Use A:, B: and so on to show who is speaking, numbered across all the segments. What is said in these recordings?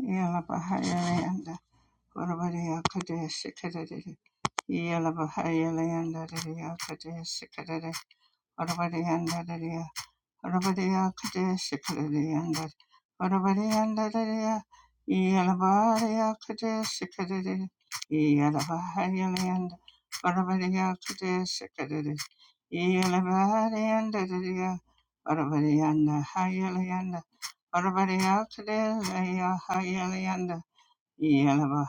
A: Yala Bahayalayanda Urabadiya Kadea Sikadadi Yala Bahayalayanda Dadiya Kadea Sikadadi Urabadiyanda Dadiya Urabadiya Kadea Sikadadiyanda Urabadiyanda Dadiya Yala Bahaya Kadea Sikadadi Yala Bahayalayanda Urabadiya Kadea Sikadadi Yala Bahayanda Dadiya Urabadiyanda Hayalayanda Urabadiya Kadea Hayalayanda yeah.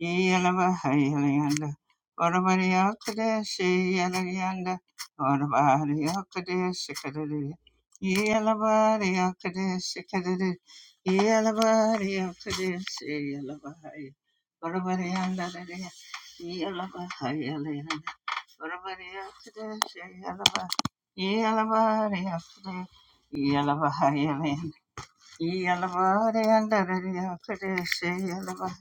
A: Yelavahayalanda, Varvariyakadeshi, Yelayanda, Varvariyakadeshi, Kadadi, Yelavariyakadeshi, Kadadi, Yelavariyakadeshi, Yelavahaya, Varvariyanda, Yelavahayalanda, Varvariyakadeshi, Yelavah, Yelavariyakadeshi, Yelavahayalanda, Yelavariyanda, Yakadeshi, Yelavah,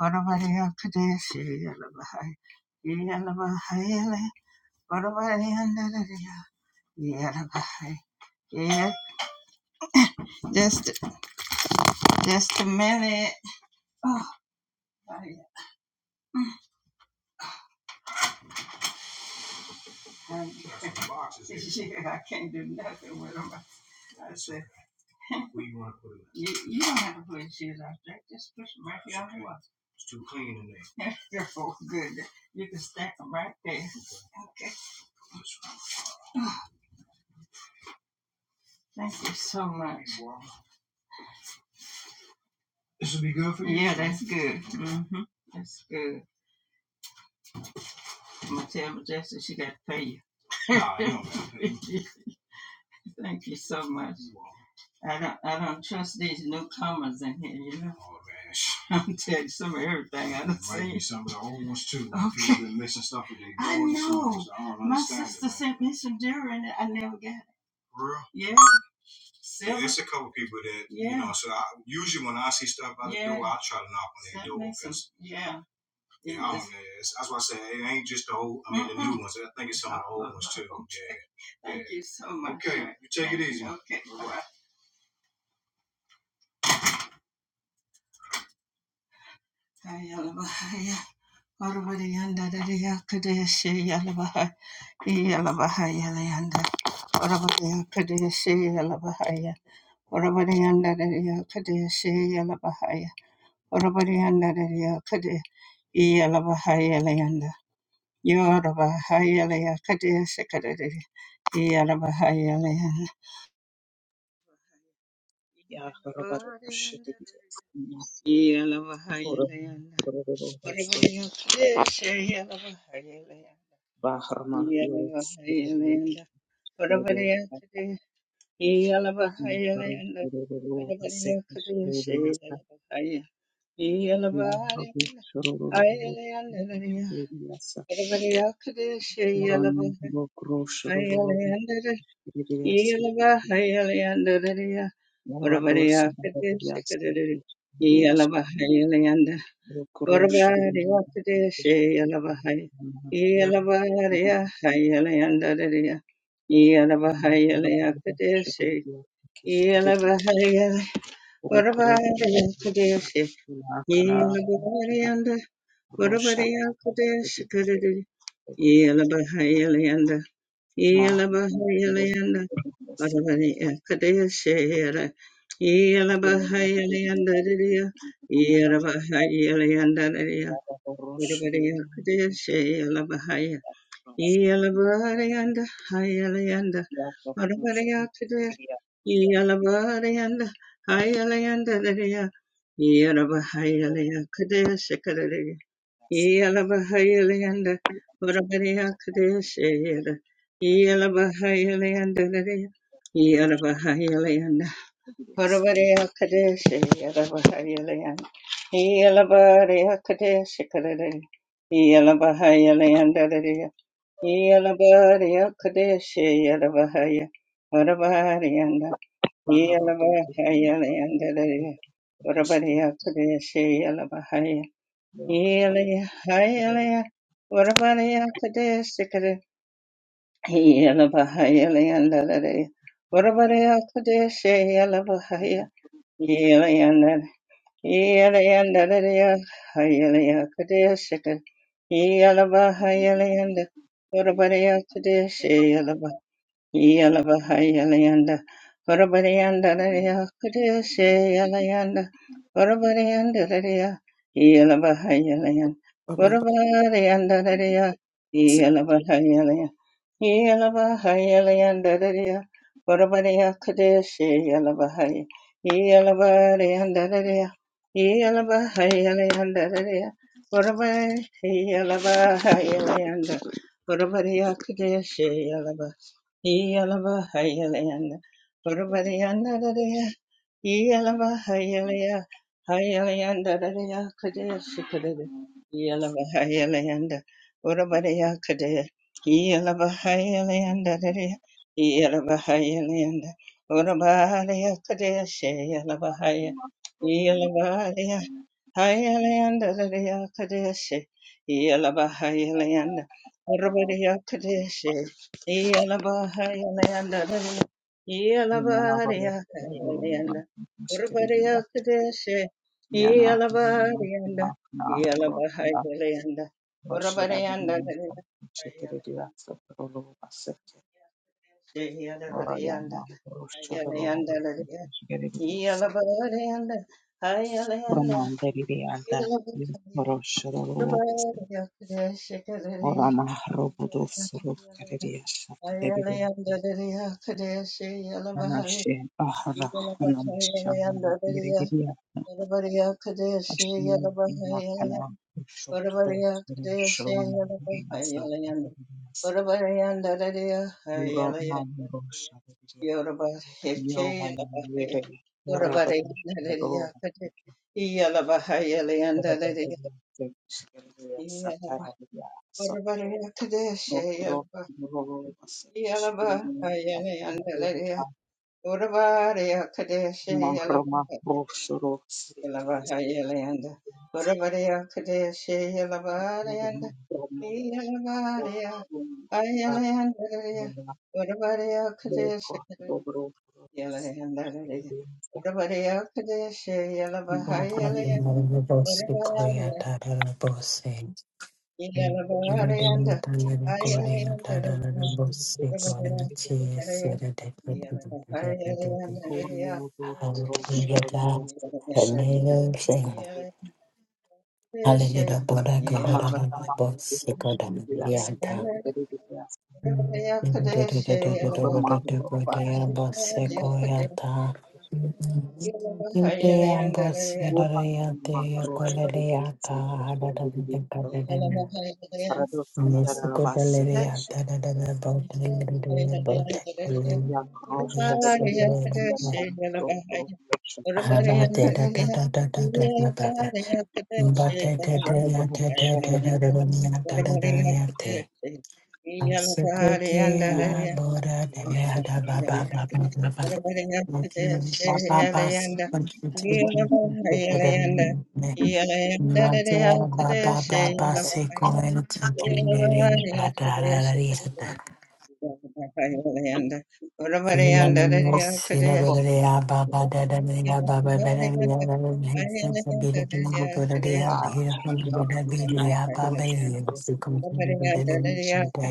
A: Orabariya Kadeshi Yalabahai Yalabahayale Orabariyandariya Yalabahai Yeah, just just a minute. Oh, I, boxes, yeah, I can't do nothing with them. I said, where you, want to put them? you you don't have to put shit out there. Just push them right here on the wall. It's too clean in there. oh, good. You can stack them right there. Okay. Thank you so much. This will be good for you. Yeah, that's good. Mm-hmm. That's good. I'm gonna tell Majestic she got to pay you. Nah, you don't gotta pay me. Thank you so much. You all. I don't I don't trust these newcomers in here, you know. Oh man, I'm telling you some of everything I don't see. might be some of the old ones too. Like people Okay. been missing stuff that they I so know. that I don't My understand it, sister sent me some jewelry and I never got it. For real. Yeah. Yeah, it's a couple people that yeah. you Yeah. know. So I usually when I see stuff by the Yeah. door, I try to knock on their door because yeah. Yeah, I don't know. That's why I say it ain't just the old, I mean, the new ones. I think it's some of the old ones too. Yeah. Thank yeah. you so much. Okay, you take it easy. Okay. Bye-bye. Ayalabahaya, Orabadiyandadadiyakadeyashiyalabahaya, Iyalabahayalayanda, Orabadiyakadeyashiyalabahaya, Orabadiyandadadiyakadeyashiyalabahaya, Orabadiyandadadiyakade- Iyalabahayalayanda, Yorubahayalaya Kadesha Kadadidi Yalabahayalaya
B: ya Horobarusha Dividiana Koro
A: Yalabahayalaya Kadadidi
B: Korobaseki
A: Kadesha Yalabahayalaya
B: Bahrama Yoro
A: Yalabahayalaya Kadadidi Yalabahayalaya Kadadidi
B: Korobaseki
A: Kadesha
B: Shiriyasa
A: Yalabahaya
B: Ya
A: Yalabahayalaya
B: Rabu Shororo Shiriyasa
A: Kadadidi Kadesha
B: Murano Rokro Shororo
A: Yalabahaya
B: Shiriyasa
A: Yalabahayalanda,
B: Murados Shiriyasa Shiriyasa Rokro Shiriyasa Yoro
A: Yelabahayalayanda Varavaraya Kadeshayala Yelabahayalayanda Diriya Yelabahayalayanda Diriya Varavaraya Kadeshayala Bahaya Yelabarayanda Hayalayanda Varavaraya Kadeshayala Yalabarayanda Hayalayanda Diriya Yelabahayalayanda Kadeshayala Yelabahayalanda, Urabariya Kadeshayada, Yelabahayalayanda, Yelabahayalayanda, Urabariya Kadeshayada, Bahayalayanda, Yelabariya Kadeshakada, Yelabahayalayanda, Yelabariya Kadeshayada, Bahaya, Urabariyanda, Yelabahayalayanda, Urabariya Kadeshayada, Healing, healing, what about the Kadesh? Healing, healing, and the what about the Kadesh? Healing, healing, and healing, and the healing, Kadesh. Healing, healing, and what about the Kadesh? Yalabahayalayanda, Varabarayandalaya, Kudeseyalayanda, Varabarayandalaya, Yalabahayalayan,
C: Baba
A: Varabarayandalaya, Yalabahayalayan, Yalabahayalayandalaya, Varabaraya Kudeseyalabahaya, Yalabarayandalaya, Yalabahayalayandalaya, Varabarayandalaya, Varabaraya Kudeseyalabahaya, Iyalavahayalayanda, Uruvariyandadadaya, Iyalavahayalayaya, Hayalayandadadaya, Kadaya Sukadada, Iyalavahayalayanda, Uruvariyakadaya, Iyalavahayalayandadadaya, Iyalavahayalayanda, Uruvariyakadaya, Shayalavahayalayanda, Hayalanda Radia Kadeshi, Yalaba Hayalanda, Rabadia Kadeshi, Yalaba Hayalanda,
B: Yana
A: Yalaba
B: baro
A: Radia
B: guru ba
A: Hayalanda,
B: shikarinda
A: Rabadia Kadeshi,
B: yana na
A: Yalaba Radia,
B: na ro
A: Yalaba
B: na
A: Hayalanda,
B: ro shara
A: Rabadianda
B: dina shikarinda
A: Hayalanda,
B: sapro ro basake ora yana
A: Yalabadianda,
B: ro shara ro
A: Hayalanda Radia,
B: shikarinda sa
A: Yalaba Radia,
B: brahmanda riyanda
A: Hayalanda,
B: ro shara ro
A: Yoruba,
B: basake ora na ro budu suru kariya shakarinda ana she ahara ana mushyana Ashim inakana ushotoro tsuru shalom rinasa rinasa yura na yuro shabiria yohana yere yarabadu shiro yarabadu yase shiriya satara biya so
A: Yalabahaya
B: nokro noro vase shiriya satara mahrama roshoro shiriya satara mahrama roshoro The the of
D: Hallelujah. Hallelujah.
A: Yeah.
D: Hallelujah. Bora God,
B: Mahkama
D: Bosiko Damianta. Yes,
B: Я хорошая, я понимаю, что хорошая, я хорошая, я я я
D: Sekotea,
A: Yeah.
D: Bora, Dada, Baba, Baba, Baba, Baba, Matea Baba, Baba, Sequent,
A: Yeah.
D: Thank you.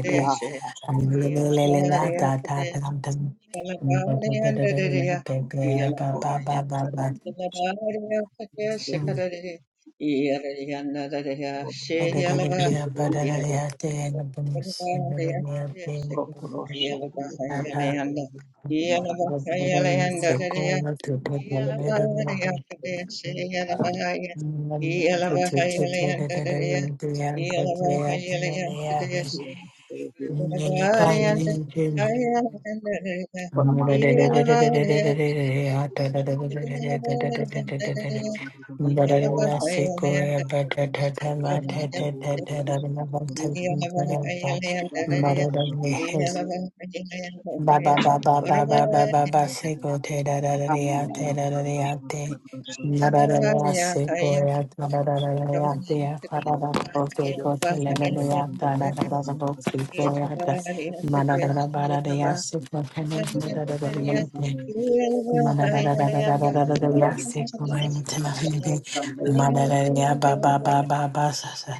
B: я
E: Thank
B: я
A: Yelabahayalayanda,
B: я
A: Yelabahayalayanda, Dadaya, Yelabahaya, Kadesi, Yelabahaya, Yelabahayalayanda, Dadaya, Yelabahayalaya, Kadesi, Yelabahayanda, Hayalayanda, Dadaya, Yelabahaya, Kadesi, Yelabahayanda, Dadaya, Yelabahayalayanda, Dadaya, yeah.
D: But Ba ba ba ba ba ba ba ba ba se go te da da da da te da da da te na da da da se go ya ta da da da da te ya pa da da go te go te le le le ya ta da da da da go se go ya ta ma da da da ba da da ya se go te le le da da da da ya te ma da da da da da da da da da da ya se go ya
E: you.
D: te ma fi de ma da da da ya
E: Ziggy,
D: ba ba ba ba ba sa sa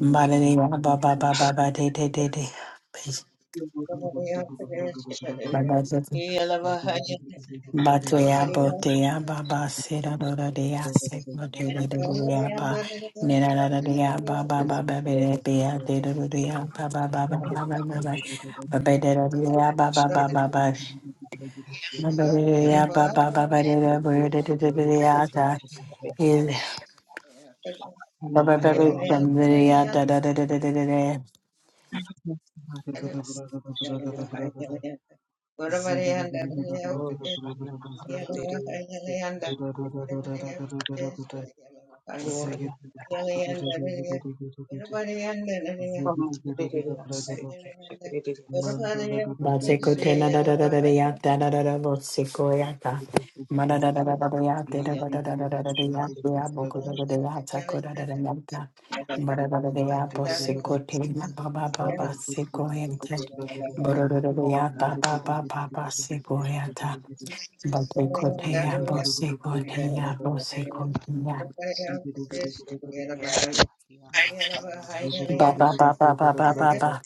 D: ma da da ya ba ba ba ba ba te te te te Peace. Bye bye. Batea botea baba sera dora dea segma
A: Yeah.
D: dora dea ba nera dea ba ba ba ba ba dea de dora dea ba ba ba ba baba ba ba ba ba ba dora dea ba baba baba ba ba ba ba dea ba ba dea ba dea ta is baba baba ba ba ba dea da da da da da da
E: Ziggy
B: Vamos derivaste que derivaste
D: Basekotena da da da da da ya da da da da bosekoyata. Mada da da da da da da ya da
B: yana
D: da da da da da da da da ya da ya boku da da da ya tako da da da ya ta. Ma da. Mada da da da
A: Yeah.
D: ya bosekotena ba ba ba ba
B: morga
D: sekoyata. Bada da da da da ya
B: morga
D: ba ba ba ba ba sekoyata. Basekoteya bosekoteya bosekoteya.
B: yara yana harma
D: Ba ba ba ba ba ba ba ba.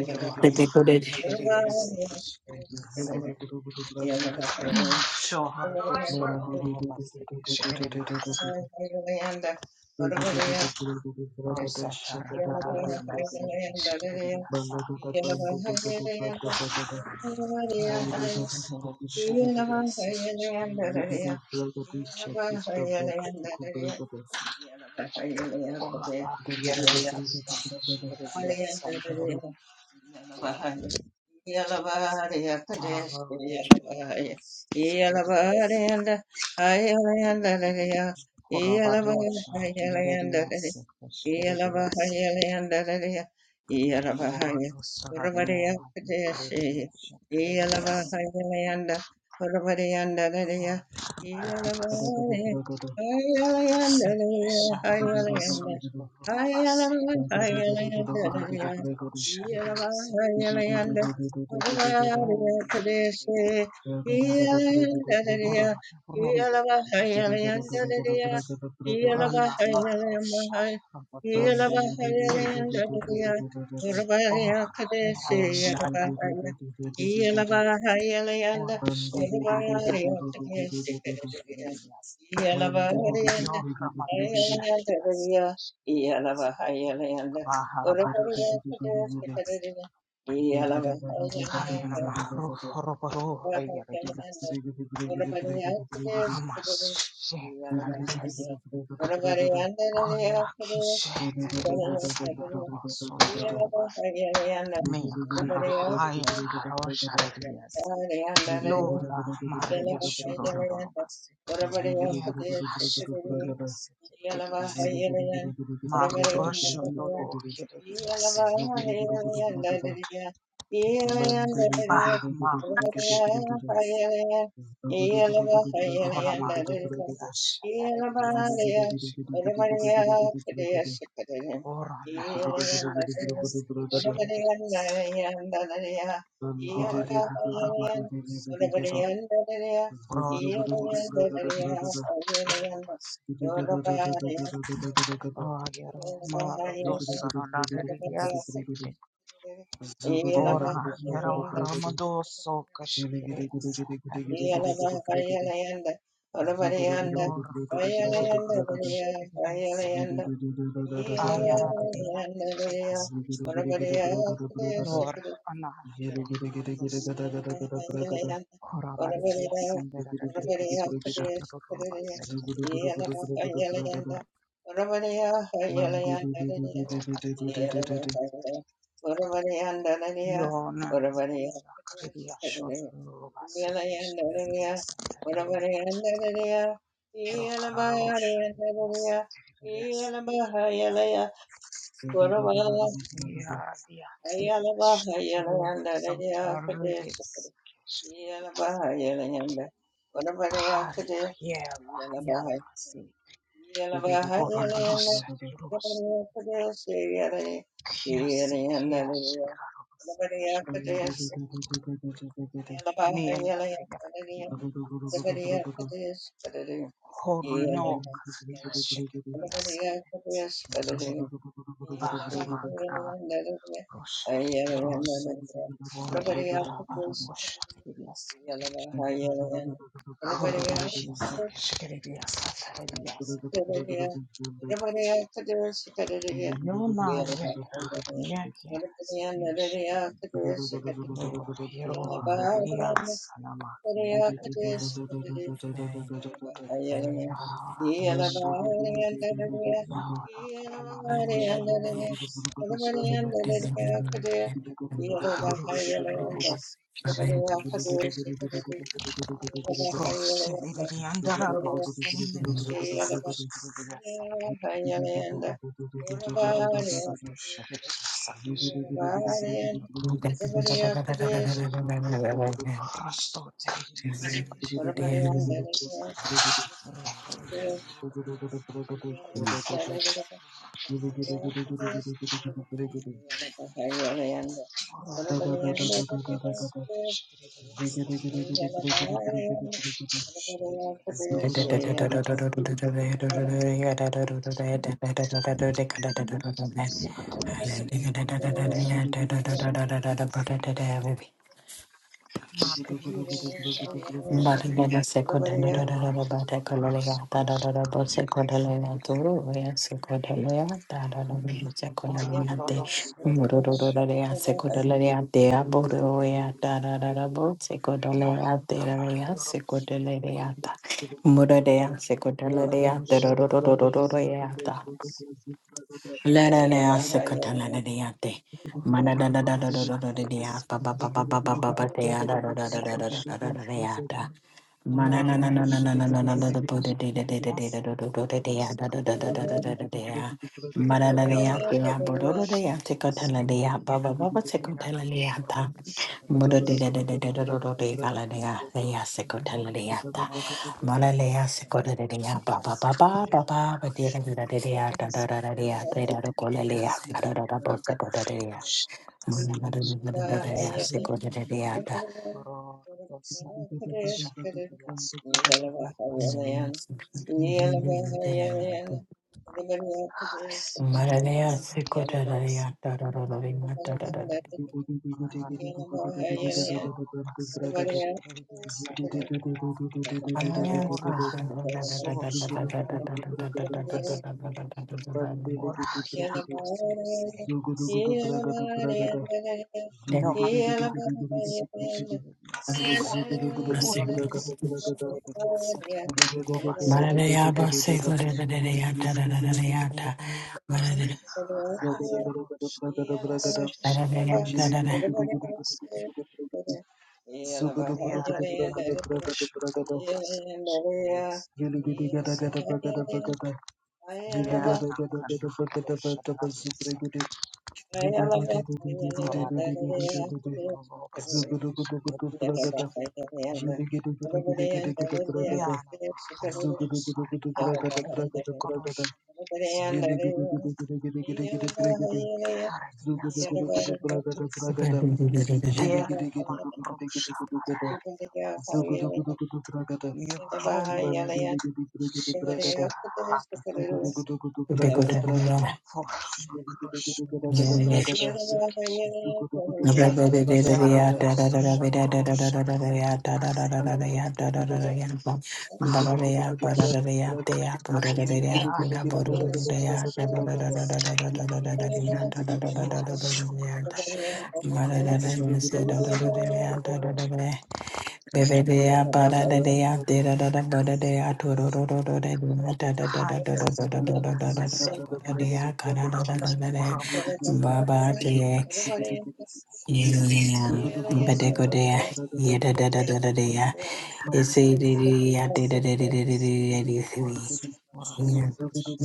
B: yorma
D: Sekoteya.
B: yeriliyaste
E: Zagada,
B: yeriliyaste shohar kusururu baste ke şekeriliyaste rosa
A: Yeah.
B: kararara namayse ke şekeriliyaste morga dosuru şekeriliyaste Oraba yarariyasta kusukuriyasandro harararararobas sereriyasi horabarusha yarariyasi kusukuriyasi
A: Yelavahaya Leandaria, Yelavahaya,
B: orado
A: Uravaria
B: sararaniyama
A: Padeshi,
B: yarariyasi karariyasi
A: Yelavahaya Leanda, Uravariandaria,
B: orabas
A: Yelavahaya Leandaria, Haya
B: sarariyasi turobas
A: Leanda, Haya Leandaria,
B: oragandro sharariyasi
A: Yelavahaya Leanda,
B: kusukuriyasi
A: Uravaria Padeshi,
B: oriyama ya
E: Mandiri
A: Yelandaria,
B: orada rondo
A: Yelavahaya Leandaria,
B: Rana
A: Yelavahaya
B: Marusha
A: Leandaria, yeah.
B: Robotos Zeta Shikiri Ora Yara Shada Ora Shada Yara Robotos Shikirias O Yo Ramadosha Shikirias Bahar Barusha Robas Kayana Mahru
A: Yalava,
B: Roboro Yarias Hamas Shikirias Ola Kishikirias and Robos Roba Mea
E: Zugudu gudu
B: kana
E: gudu
B: haya
E: bragada
B: karo sharirias. Lola Maria shorororobas. Yera flash ririas ririas. Ma crosho noro
A: yeah.
B: ririas ririas. Bah ma rosha ririas. Kora ma ririas ririas kesh ririas. Ora na rosha ririas kesh ririas. Oya rabarurus toro. Pro turus ririas
E: bragada
B: ririas.
E: Zugudu
B: Ah, yero maro dosara naririyasike. Ora yero ramadoso kashikiriyasa naririyasa. Yora ma yero karosh naririyase. Ah, yara niriya naririyasa. Lora
A: Yeah.
B: ana yero rodose. Ora varifiyase naririyaso shadarurubasike.
A: Yeah.
B: Yona niriya kaririya shodarurubasike shikiriyasa Rokararosha ribiyasa tiribiyasa. Yadiya tiribiyasha turu sautararibiyasa tiribiyasa. Hariya yeva yadamasi.
E: Thank
B: Korororosa tirurosa. Kiyasi kiyasha kararosa shkaribiyasa. Miyanda hayara karibiyasa. Horno karibiyasha karibiyasa. Bahima rosha tirurosa. Vorlandara barabosha tiribiyasa. Khurmatiya sabishkeli biasa sabishkeli biasa. Yonagaya yekishkeli biasa.
A: Yeah.
B: No hero
A: Yeah.
B: biasa namak yada biasa.
D: Amen. Hallelujah.
B: Yaha biasa
E: you.
B: yona kama
E: Ziggy,
B: rooshar lolo biasa sabishkeli biasa. Rooshar lolo biasa sabishkeli biasa. Ro seviriyan darar bolsun seviri biasa sabishkeli biasa. Khurdosanish biasa sabishkeli biasa. Oranto
E: Thank
A: Thank
D: But when I second and other about a colonia, that other boss a codalaya toro, where secondalaya, that other boss a coloniante,
B: dos
A: you.
B: redes,
D: Murododododea secondalaya,
B: redes
D: de aboroya, that other boss a
B: Ora
D: codalaya, de area
B: Maros
D: secondalaya, Murodea secondalaya, the
B: Paroshanovas
D: rodododododoyata.
B: Ignas, Ora Maroshatias, Ora Sushatias, Ora Varoshatias, Ignas
E: you.
B: Paradias,
E: Thank
B: Yarana Yaroshavis, Yara
D: Mora de
B: Rotushavis,
D: de de de de de de de de gala de ga de ya se ko de la de ya ta. Mora le ya se ko de de de ya ba ba
B: that's
D: ba ba ba
B: Kayana
D: ba ba de de de de de ya da da
B: Maroshanovas,
D: da da de ya de da da ko le le ya
B: that's
D: da da da da
B: Kayana
D: bo se ko de de ya. Mora de de de de de de de
B: Kanahiroshavis,
D: ya
A: Yeah.
D: se ko de de de ya da.
A: Yellow,
B: Or do something special, something extraordinary, something rare, something
D: Mora
B: special,
D: le ya
B: something
D: se ko de
B: extraordinary,
D: de de ya da da da da de ya da da da da.
B: something rare, something special, something extraordinary, something
D: Yes,
B: rare, something special, something extraordinary, something rare, something special, something extraordinary,
D: yes,
E: you.
D: da da da
E: Zugudu
D: da da da da da da da da da da da da da
B: something
D: da da da da
B: rare,
D: da.
B: something
A: Yeah.
B: special.
D: Ba-da-da-da-da-da-da-da-da-da-da-da-da-da-da.
B: Ayorosh, Adidas, Kishkirias, Rubas, Dea Radidian Rosh, Rubas, Kishkirias, Ribias, Dea Nakana, Rosh, Radias,
E: Zugudugudu
B: Foradia, Shut, Rubas, Kishkirias,
E: bragada, yeligudugudu bragada,
B: Yana, Roboros,
E: zugudugudu
B: Ara,
E: bragada bragada
B: Yorosh,
E: bragada, yeligudugudu
A: Yeah.
E: bragada,
B: Radias,
E: zugudugudu
B: Okush,
E: bragada
B: Ribis,
E: bragada,
B: Dea
E: yeligudugudu
B: Nama, Rosh, Ara,
E: zugudugudu bragada,
B: Yoromulia
E: mandeligudugudu bragada,
B: Shikishikara
E: zugudugudu bragada bragada, yeligudugudu bragada bragada.
B: Horamakroshurururururubasikis
E: Zugudugudu bragada bada bagada
B: Yardu Sunukroshururururubasikis
E: bagada. Zugudu gudu gudu
B: Arabarushururururubasikis
E: bragada. Zugudugudugudu bragada Gidi gidi gidi
B: Ayarabiyasikis
E: bragada.
B: Ribiyasikis
E: Gidigidigidigidi bragada bragada. Gidigidigidigidi
B: Yarashukrushurururubasikis Ribiyasikis
E: zugudugudugudu bragada bragada.
D: Bebedea bara
E: Bada
D: de
E: bada
D: dea de
E: bragada.
D: da da da bara de a to do
B: Yarashukrushurururubasikis
D: do do do de da da da da da da da da da da da da da
E: Zubragada
D: bara de
B: Hayarabiyasikis
E: bragada
D: a cara da
E: bragada.
D: da da da de
B: Kurama
E: Gidigidigidigidi
D: baba
B: yediriyasu
D: de
B: kesediriyasu
E: gidigidigidi.
B: tadiriyasu
D: yeah
E: Zugudugudugudu
B: ndarabasu
D: bedeco de
E: bragada bragada.
D: ye da da da da da de ya
E: Mani
D: is a de de
B: yarama
D: ya de da de de de de
B: sediriyasu
D: de de
E: gidigidi.
B: orasu
D: de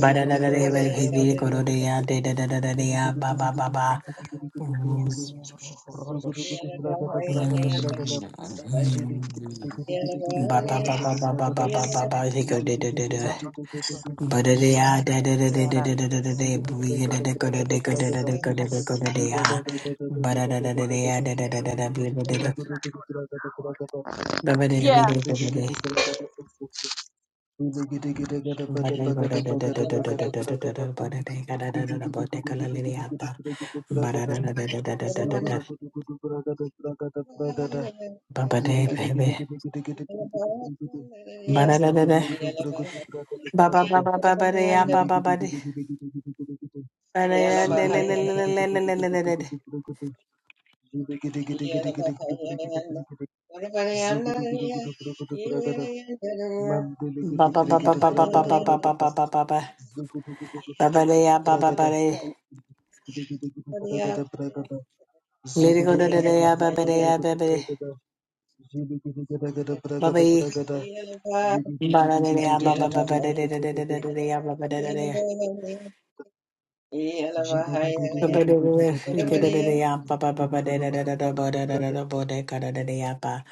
D: bara da da de
E: bragada
D: very heavy
E: bragada
D: coro de
E: bragada.
B: tadiriyasu
D: ya de da da da da de ya ba ba
E: Gidigidigidigidi
D: ba ba.
E: gidigidigidigidi
D: Mm.
E: gidigidi.
B: yaniyuru horozo
E: Zugudugudu bragada
B: shirumasa
E: bragada
D: Mm.
E: bragada
B: kishiririyasu
E: jidi
D: Mm.
E: gidi gidi gidi gidi
D: Ba
E: gidi
D: ba ba ba
E: bragada
D: ba ba
E: bragada
D: ba ba ba
B: tadiriyasu
D: ba. He go
E: jidi
D: da da
E: gidi
D: da
E: gidi
D: da.
E: gidi
B: yavru
E: gidi gidi gidi
D: Ba da da
B: tukuririyasu
E: gidi
D: ah da da da da da da da da da
B: ndarabasu
D: da.
E: zugudu
D: We da
E: bragada
D: da go da da
E: bragada
D: go da da
E: bragada
D: da go da da go
B: mirasi
D: da da
E: jida da
D: ah.
E: da
B: karabisi
E: da da da da
D: Ba da
E: da
D: da
E: da
D: da da da
E: da da
B: kurubasa
D: ya
E: da
D: da da da da da. We da da da.
E: zugudugudugudu bragada bragada
D: Ba ba da da we
B: Yeah.
D: da go da
E: nandili
D: da.
E: gidi bragada bragada ili gidi gidi gada
D: Ba
E: bada
D: da go da
E: bagada
D: da da da da
E: bagada
D: da
E: bagada
D: da da da da
E: bragada
D: da. Ba da da ga da da da
E: ili
D: da.
E: gidi
D: Ba da ka
E: gidi
D: la la
E: gidi
D: la
E: gidi
D: ya ta.
E: gidi bragada
D: Ba da
E: bragada
D: da da da da da da da da da.
E: zugudugudugudu bragada bragada bragada
D: Ba
E: Zugudu
D: ba da baby. Ba da da da da. Ba ba ba ba ba ba da ya ba ba ba da. Ba da ya la la la
A: Yeah.
D: la la la la la la la.
A: Yeah.
D: Ba ba ba ba ba ba ba ba ba ba ba ba ba ba. Ba ba da ya ba ba ba da. Let it go da da da ya ba ba da ya ba ba da.
E: Zubragada
D: Ba ba
E: bragada bragada
D: yi.
E: bragada
D: Ba da da da ya ba ba ba ba da da da da da da da da ya ba ba da da da ya. Ba ba da da da. Let it go da da da ya ba ba ba ba da da da da da ba da da da da ba da ka da da da ya ba.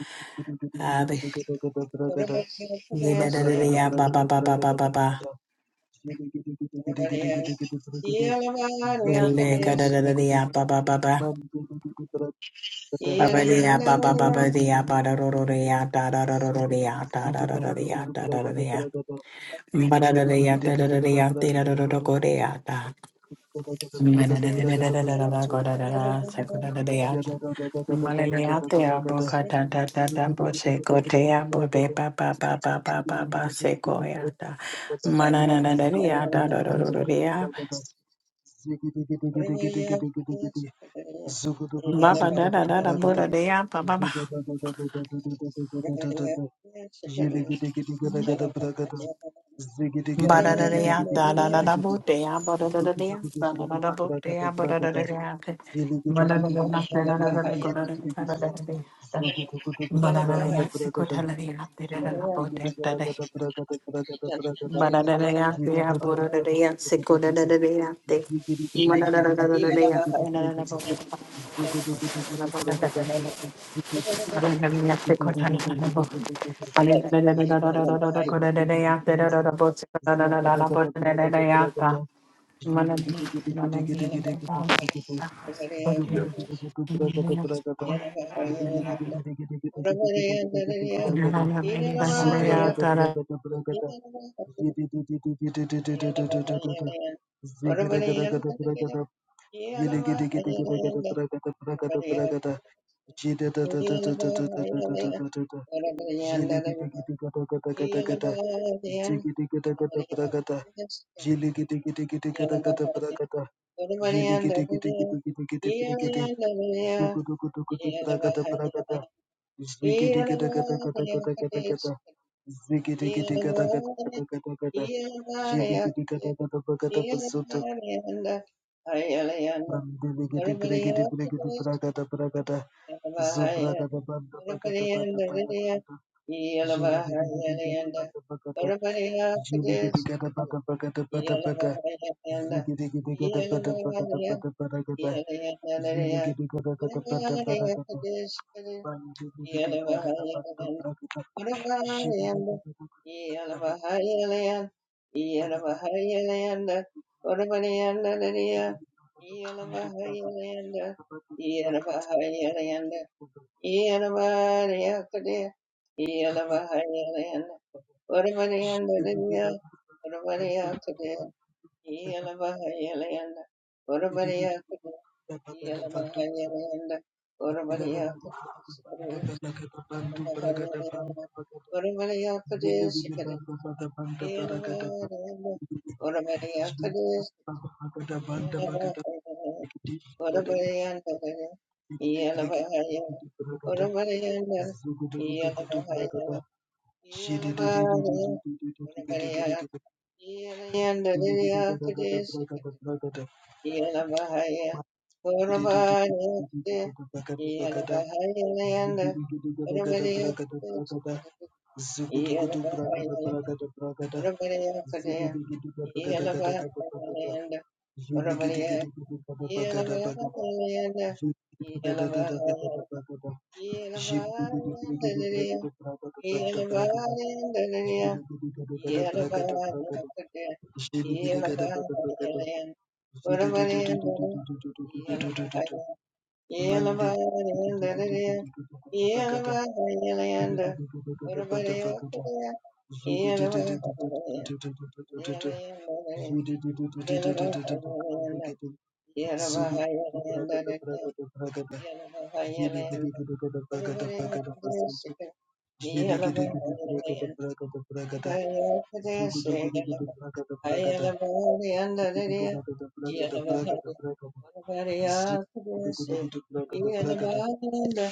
D: Ah, ba. Ye da da da da ya ba ba ba ba ba ba ba.
E: Zigidi brigidi
D: Well, da ka da
E: Zugudugudugudu
D: da da da ya
E: brigidi
D: ba ba ba ba.
E: Mandigidi bragada
D: Ba ba da ya ba ba ba ba da ya ba da ro ro da ya da da da ro ro da ya da da da da da ya
E: Zugudugudugudu
D: da da da da
E: bragada
D: ya.
E: bragada
D: Baba
E: Zugudugudugudugudugudugudugudu.
D: da da da da
E: Zugudugudugudugudugudugudugudu. Yidugudugudugudugudugudugudugudu. Yidigidigidigidigidigidigidi.
D: bo da da ya ba ba
E: Zigidigidigidigidigidigidigidi. Zugu
A: Yeah.
E: Zagada gada Zagadagadabrakadabragada.
A: Yeah.
E: Zhiligidigidigidigidigidigidigidi.
D: Thank
E: Zugudugudugudubragadabragada. Zhiligidigidigidigidigidigidigidigidigidigidigidigidigada.
D: you.
E: gada Zhididididididididididididididi. Zigidagadagadabrakada. Ziggy Mandelegede bregede bregede bragada bragada zubragada banda bagada bada bada banda jelegede gede gada bada bagada jelegede gada bada bagada bada bada zegede gede gada bada bagada
A: Yeah.
E: bada bada gada
A: Yeah.
E: jelegede gada gada bada bada gada mandelegede bragada banda bragada jelegede gada gada bada bada bada bada jelegede gada bada kando bragada bada bada Thank
A: Yeah. Yanabahaya
E: Bagada Zigada
A: Purabhayate
E: Bragada Bragada
A: Yanabahayanda
E: Zugudugudu Bragada Bragada Bragada
A: Puramadhyakate
E: Zigidi
A: Yanabahayanda
E: Bagada Gada Gada Bagada
A: Puramadhyakate
E: Zigidi Gada Bagada Bagada
A: Yanabahayanda
E: Zigada
A: Purabhaya
E: Gada
A: Yanabahayanda Yanabahayanda Yanabahayandariya Yanabahayandariya Yanabahayakate Yanabahayanda
E: Gada Bagada
A: Purabhayandaraya
E: Zigidi Mande pakata Bagada. zude de de de de de de de de zude de de de de de de de
A: yeah.
E: Bagada. zude Bagada. Zugudududubrakata brakata brakata. Zvidigididididikata Bagada. Bagada. pasutu. Zvidigidididibrakata Bagada. Bagada. Bagada. brakata. Zugudugudugudubrakata brakata brakata. Bagada. Bagada
A: Ayalabari
E: gede
A: andararia,
E: gede bagada bagada
A: Iyalabari,
E: bagada zude
A: Varabariya
E: de gede
A: kudesi,
E: gede bagada bagada
A: Iyalabari anda,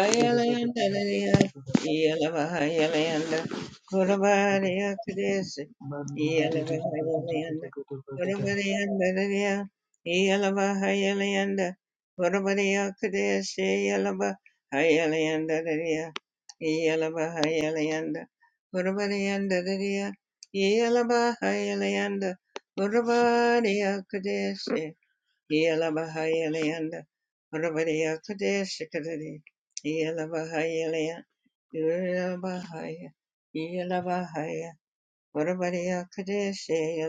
A: Ayalayandararia, Iyalabahayalayanda, Kurabariya kudesi, Iyalabahayalayanda, Kurabariandararia, Iyalabahayalayanda, Kurabariya kudesi, Iyalabahayalayandararia, Iyalabahayalayanda, Kurabariandararia, Yelabahayalayanda, Urabadiya Kadeshi, Yelabahayalayanda, Urabadiya Kadeshi Kadadi, Yelabahayalayanda, Yelabahaya, Yelabahaya, Urabadiya Kadeshi,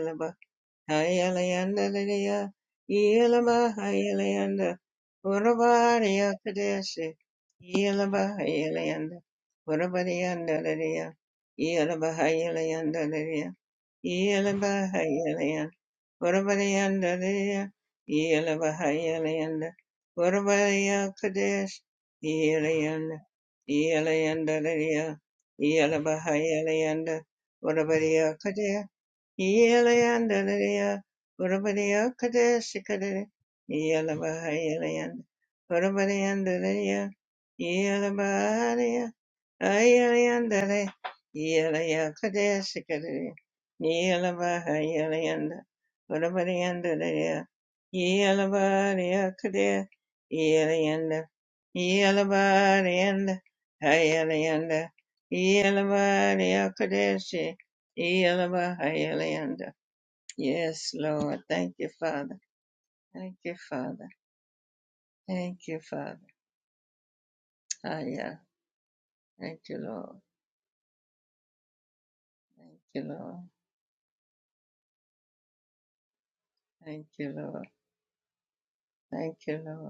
A: Yelabahayalayanda, Lidiya, Yelabahayalayanda, Urabadiya Kadeshi, Yelabahayalayanda, Urabadiyanda, Lidiya, Yelabahayalayanda, Lydia. Yelabahayalayanda, Varavarayandadaya, Yelabahayalayanda, Varavarayakadesh, Yelayanda, Yelayandadaya, Yelabahayalayanda, Varavarayakadaya, Yelayandadaya, Varavarayakadeshikadaya, Yelabahayalayanda, Varavarayandadaya, Yelabahayalayanda, Varavarayanda Dea, Ayalayandale, Yalayakudesikare, Yalabahayalayanda, Varavarayandalaya, Yalavarayakade, Yalayanda, Yalavarayanda, Hayalayanda, Yalavarayakadesi, Yalabahayalayanda. Yes, Lord. Thank you, Father. Thank you, Father. Thank you, Father. Hiya. Thank you, Lord. Thank you, Lord. Thank you, Lord. Thank you, Lord.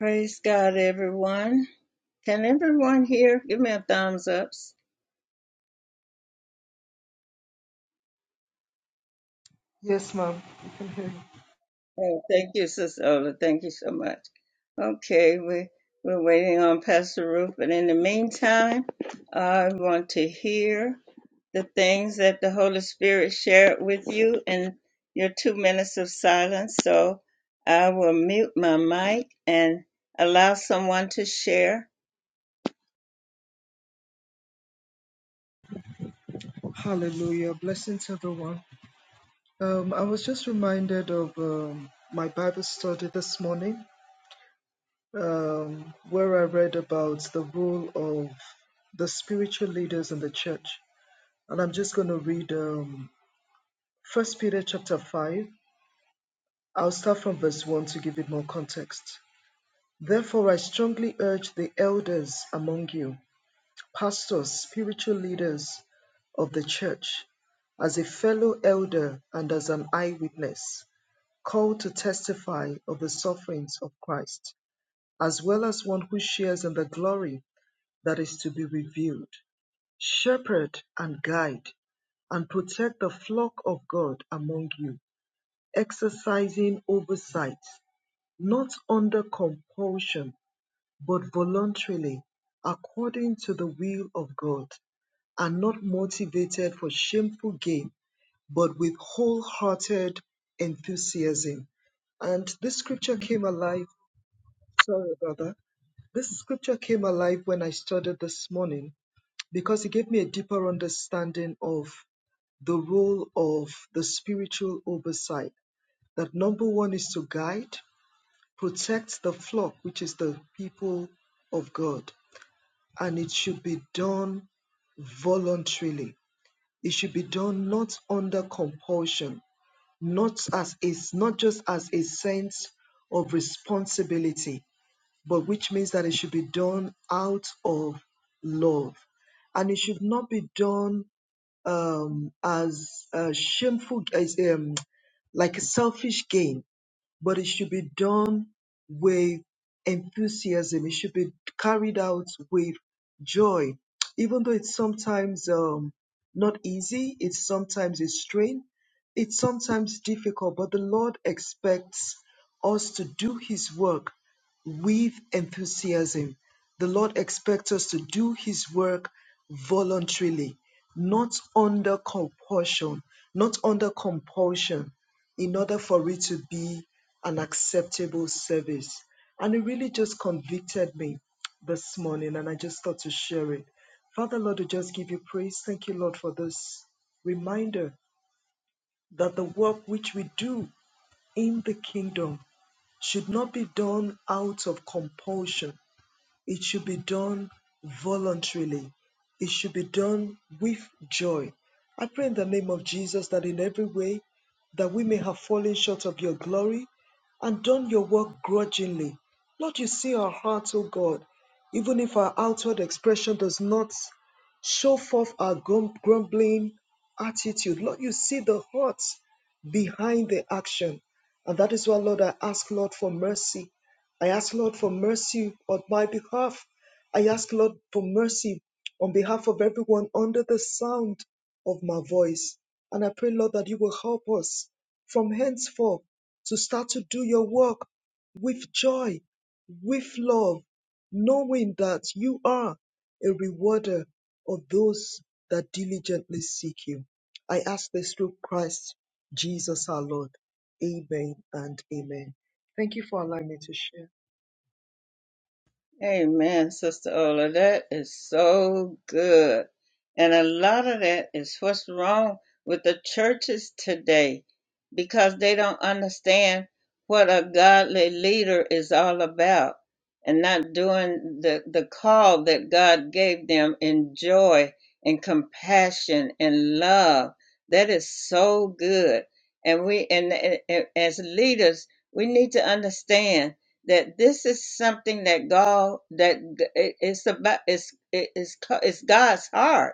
A: Praise God, everyone. Can everyone here give me a thumbs up?
E: Yes, ma'am.
A: Oh, thank you, Sister Ola. Thank you so much. Okay, we, we're waiting on Pastor Ruth, but in the meantime, I want to hear the things that the Holy Spirit shared with you in your two minutes of silence. So I will mute my mic and allow someone to share.
E: Hallelujah. Blessings, everyone. Um, I was just reminded of um, my Bible study this morning, um, where I read about the role of the spiritual leaders in the church. And I'm just going to read um, First Peter chapter 5. I'll start from verse 1 to give it more context. Therefore, I strongly urge the elders among you pastors, spiritual leaders of the church, as a fellow elder and as an eyewitness, called to testify of the sufferings of Christ, as well as one who shares in the glory that is to be revealed. Shepherd and guide and protect the flock of God among you, exercising oversight, not under compulsion, but voluntarily, according to the will of God, are not motivated for shameful gain, but with wholehearted enthusiasm. And this scripture came alive. Sorry about that. This scripture came alive when I studied this morning because it gave me a deeper understanding of the role of the spiritual oversight. That number one is to guide, protect the flock, which is the people of God, and it should be done voluntarily. It should be done not under compulsion, not as a, not just as a sense of responsibility, but which means that it should be done out of love, and it should not be done um, as a shameful, as um, like a selfish gain but it should be done with enthusiasm. It should be carried out with joy, even though it's sometimes um, not easy. It's sometimes a strain. It's sometimes difficult, but the Lord expects us to do His work with enthusiasm. The Lord expects us to do His work voluntarily, not under compulsion, not under compulsion in order for it to be an acceptable service. And it really just convicted me this morning, and I just thought to share it. Father, Lord, we just give you praise. Thank you, Lord, for this reminder that the work which we do in the kingdom should not be done out of compulsion, it should be done voluntarily. It should be done with joy. I pray in the name of Jesus that in every way that we may have fallen short of your glory and done your work grudgingly. Lord, you see our hearts, O God, even if our outward expression does not show forth our grum- grumbling attitude. Lord, you see the hearts behind the action. And that is why, Lord, I ask, Lord, for mercy I ask, Lord, for mercy on my behalf. I ask, Lord, for mercy on behalf of everyone under the sound of my voice. And I pray, Lord, that you will help us from henceforth to start to do your work with joy, with love, knowing that you are a rewarder of those that diligently seek you. I ask this through Christ Jesus our Lord. Amen and amen. Thank you for allowing me to share.
A: Amen, Sister Ola. That is so good. And a lot of that is what's wrong with the churches today because they don't understand what a godly leader is all about and not doing the, the call that God gave them in joy and compassion and love. That is so good. And we and, and and as leaders, we need to understand that this is something that God that g- it- it's about it's it- it's co- it's God's heart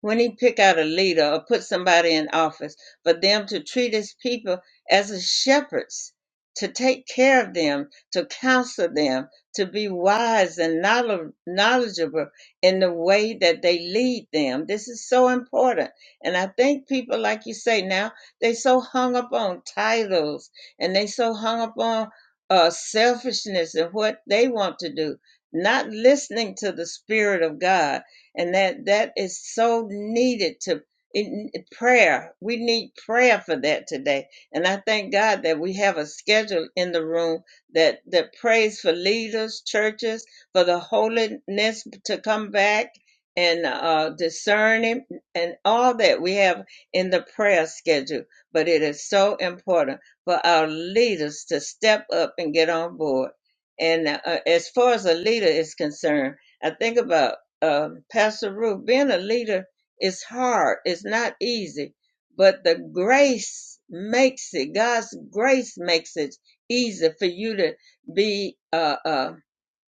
A: when he pick out a leader or put somebody in office for them to treat his people as a shepherds to take care of them to counsel them to be wise and knowl- knowledgeable in the way that they lead them this is so important and i think people like you say now they so hung up on titles and they so hung up on uh, selfishness and what they want to do not listening to the spirit of god and that that is so needed to in prayer we need prayer for that today and i thank god that we have a schedule in the room that that prays for leaders churches for the holiness to come back and uh discerning and all that we have in the prayer schedule but it is so important for our leaders to step up and get on board and uh, as far as a leader is concerned i think about um, Pastor Ruth, being a leader is hard. It's not easy, but the grace makes it. God's grace makes it easy for you to be. Uh, uh,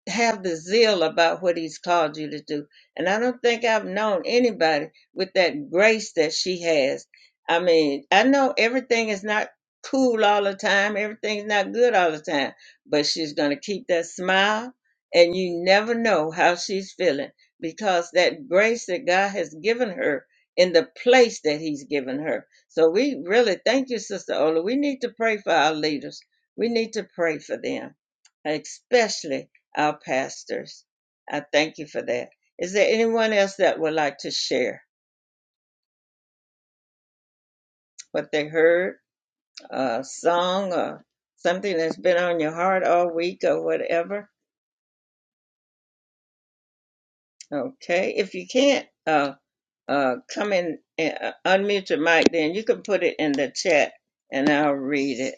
A: have the zeal about what he's called you to do. And I don't think I've known anybody with that grace that she has. I mean, I know everything is not cool all the time, everything's not good all the time, but she's going to keep that smile and you never know how she's feeling because that grace that God has given her in the place that he's given her. So we really thank you Sister Ola. We need to pray for our leaders. We need to pray for them, especially our pastors. I thank you for that. Is there anyone else that would like to share what they heard, a song, or something that's been on your heart all week, or whatever? Okay, if you can't uh, uh, come in and uh, unmute your mic, then you can put it in the chat and I'll read it.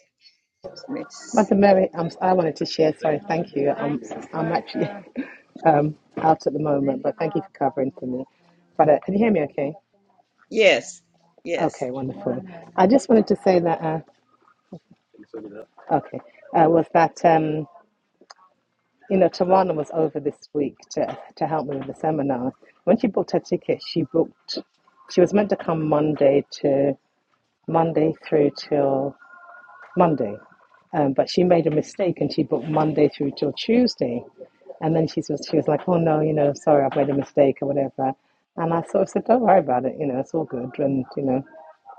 A: Let me s-
F: Mother Mary, I'm, I wanted to share. Sorry, thank you. I'm, I'm actually um, out at the moment, but thank you for covering for me. But uh, can you hear me? Okay.
A: Yes, yes.
F: Okay, wonderful. I just wanted to say that. Uh, okay, uh, was that um, you know Tawana was over this week to to help me with the seminar. When she booked her ticket, she booked. She was meant to come Monday to Monday through till Monday. Um, but she made a mistake and she booked Monday through till Tuesday. And then she was, she was like, oh no, you know, sorry, I've made a mistake or whatever. And I sort of said, don't worry about it, you know, it's all good. And, you know,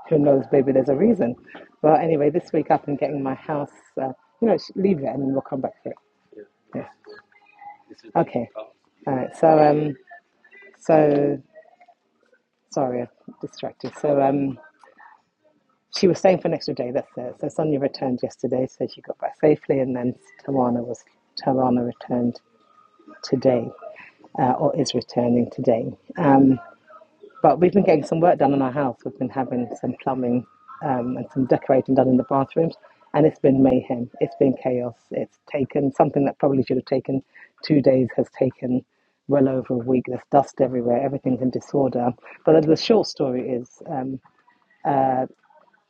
F: who knows, maybe there's a reason. But anyway, this week I've been getting my house, uh, you know, leave it and then we'll come back to it. Yeah. Okay. All right. So, um, so sorry, I distracted. So, um, she was staying for an extra day. That's it. So Sonia returned yesterday, so she got back safely, and then Tawana was Tawana returned today, uh, or is returning today. Um, but we've been getting some work done in our house. We've been having some plumbing um, and some decorating done in the bathrooms, and it's been mayhem. It's been chaos. It's taken something that probably should have taken two days has taken well over a week. There's dust everywhere. Everything's in disorder. But the short story is. um,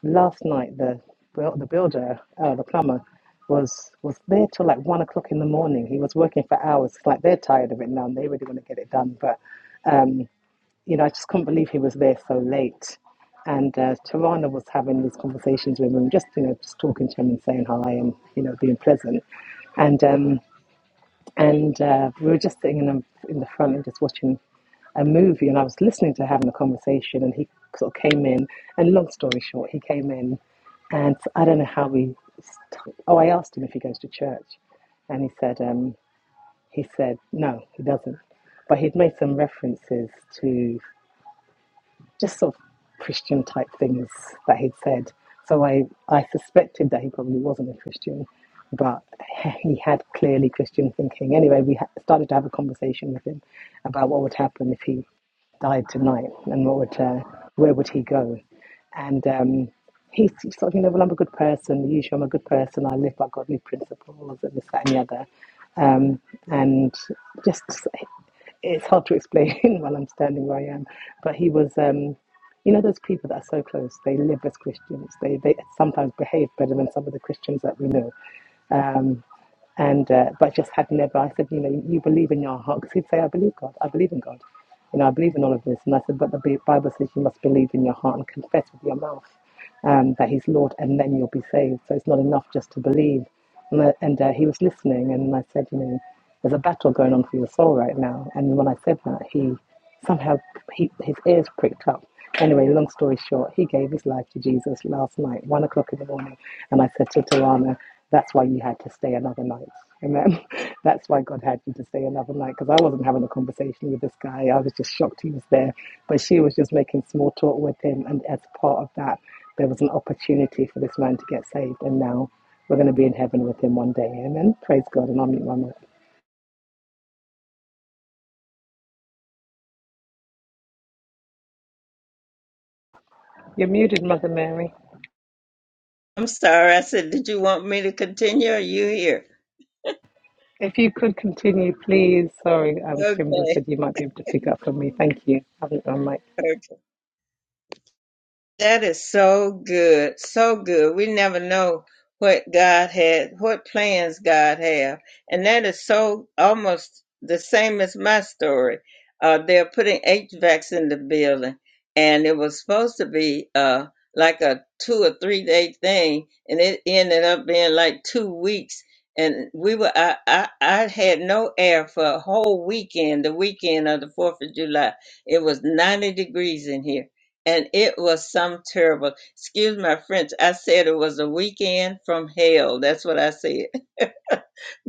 F: last night the buil- the builder, uh, the plumber, was was there till like one o'clock in the morning. He was working for hours. It's Like they're tired of it now, and they really want to get it done. But you know, I just couldn't believe he was there so late. And uh, Tarana was having these conversations with him, just you know, just talking to him and saying hi and you know, being pleasant. And um, and uh, we were just sitting in the, in the front and just watching a movie, and I was listening to having a conversation, and he sort of came in, and long story short, he came in, and I don't know how we. St- oh, I asked him if he goes to church, and he said um, he said no, he doesn't, but he'd made some references to just sort of Christian type things that he'd said. So I, I suspected that he probably wasn't a Christian, but he had clearly Christian thinking. Anyway, we ha- started to have a conversation with him about what would happen if he died tonight and what would, uh, where would he go? And um, he sort of, you know, well, I'm a good person. Usually I'm a good person. I live by godly principles and this, that, and the other. Um, and just, it's hard to explain while I'm standing where I am, but he was, um, you know, those people that are so close. They live as Christians. They they sometimes behave better than some of the Christians that we know. Um, and uh, but just had never. I said, you know, you believe in your heart because 'Cause he'd say, I believe God. I believe in God. You know, I believe in all of this. And I said, but the Bible says you must believe in your heart and confess with your mouth um, that He's Lord, and then you'll be saved. So it's not enough just to believe. And, I, and uh, he was listening, and I said, you know, there's a battle going on for your soul right now. And when I said that, he somehow he, his ears pricked up. Anyway, long story short, he gave his life to Jesus last night, one o'clock in the morning. And I said to Tawana, that's why you had to stay another night. Amen. That's why God had you to stay another night because I wasn't having a conversation with this guy. I was just shocked he was there. But she was just making small talk with him. And as part of that, there was an opportunity for this man to get saved. And now we're going to be in heaven with him one day. Amen. Praise God. And I'll meet my mother. You're muted, Mother Mary.
A: I'm sorry. I said, did you want me to continue? Or are you here?
F: If you could continue, please. Sorry, um,
A: Okay.
F: Kimber said you might be able to pick up from me. Thank you. I haven't done my
A: okay. That is so good, so good. We never know what God had, what plans God have, and that is so almost the same as my story. Uh, they're putting HVACs in the building, and it was supposed to be uh like a two or three day thing, and it ended up being like two weeks. And we were, I, I, I had no air for a whole weekend, the weekend of the Fourth of July. It was ninety degrees in here and it was some terrible. Excuse my French. I said it was a weekend from hell. That's what I said.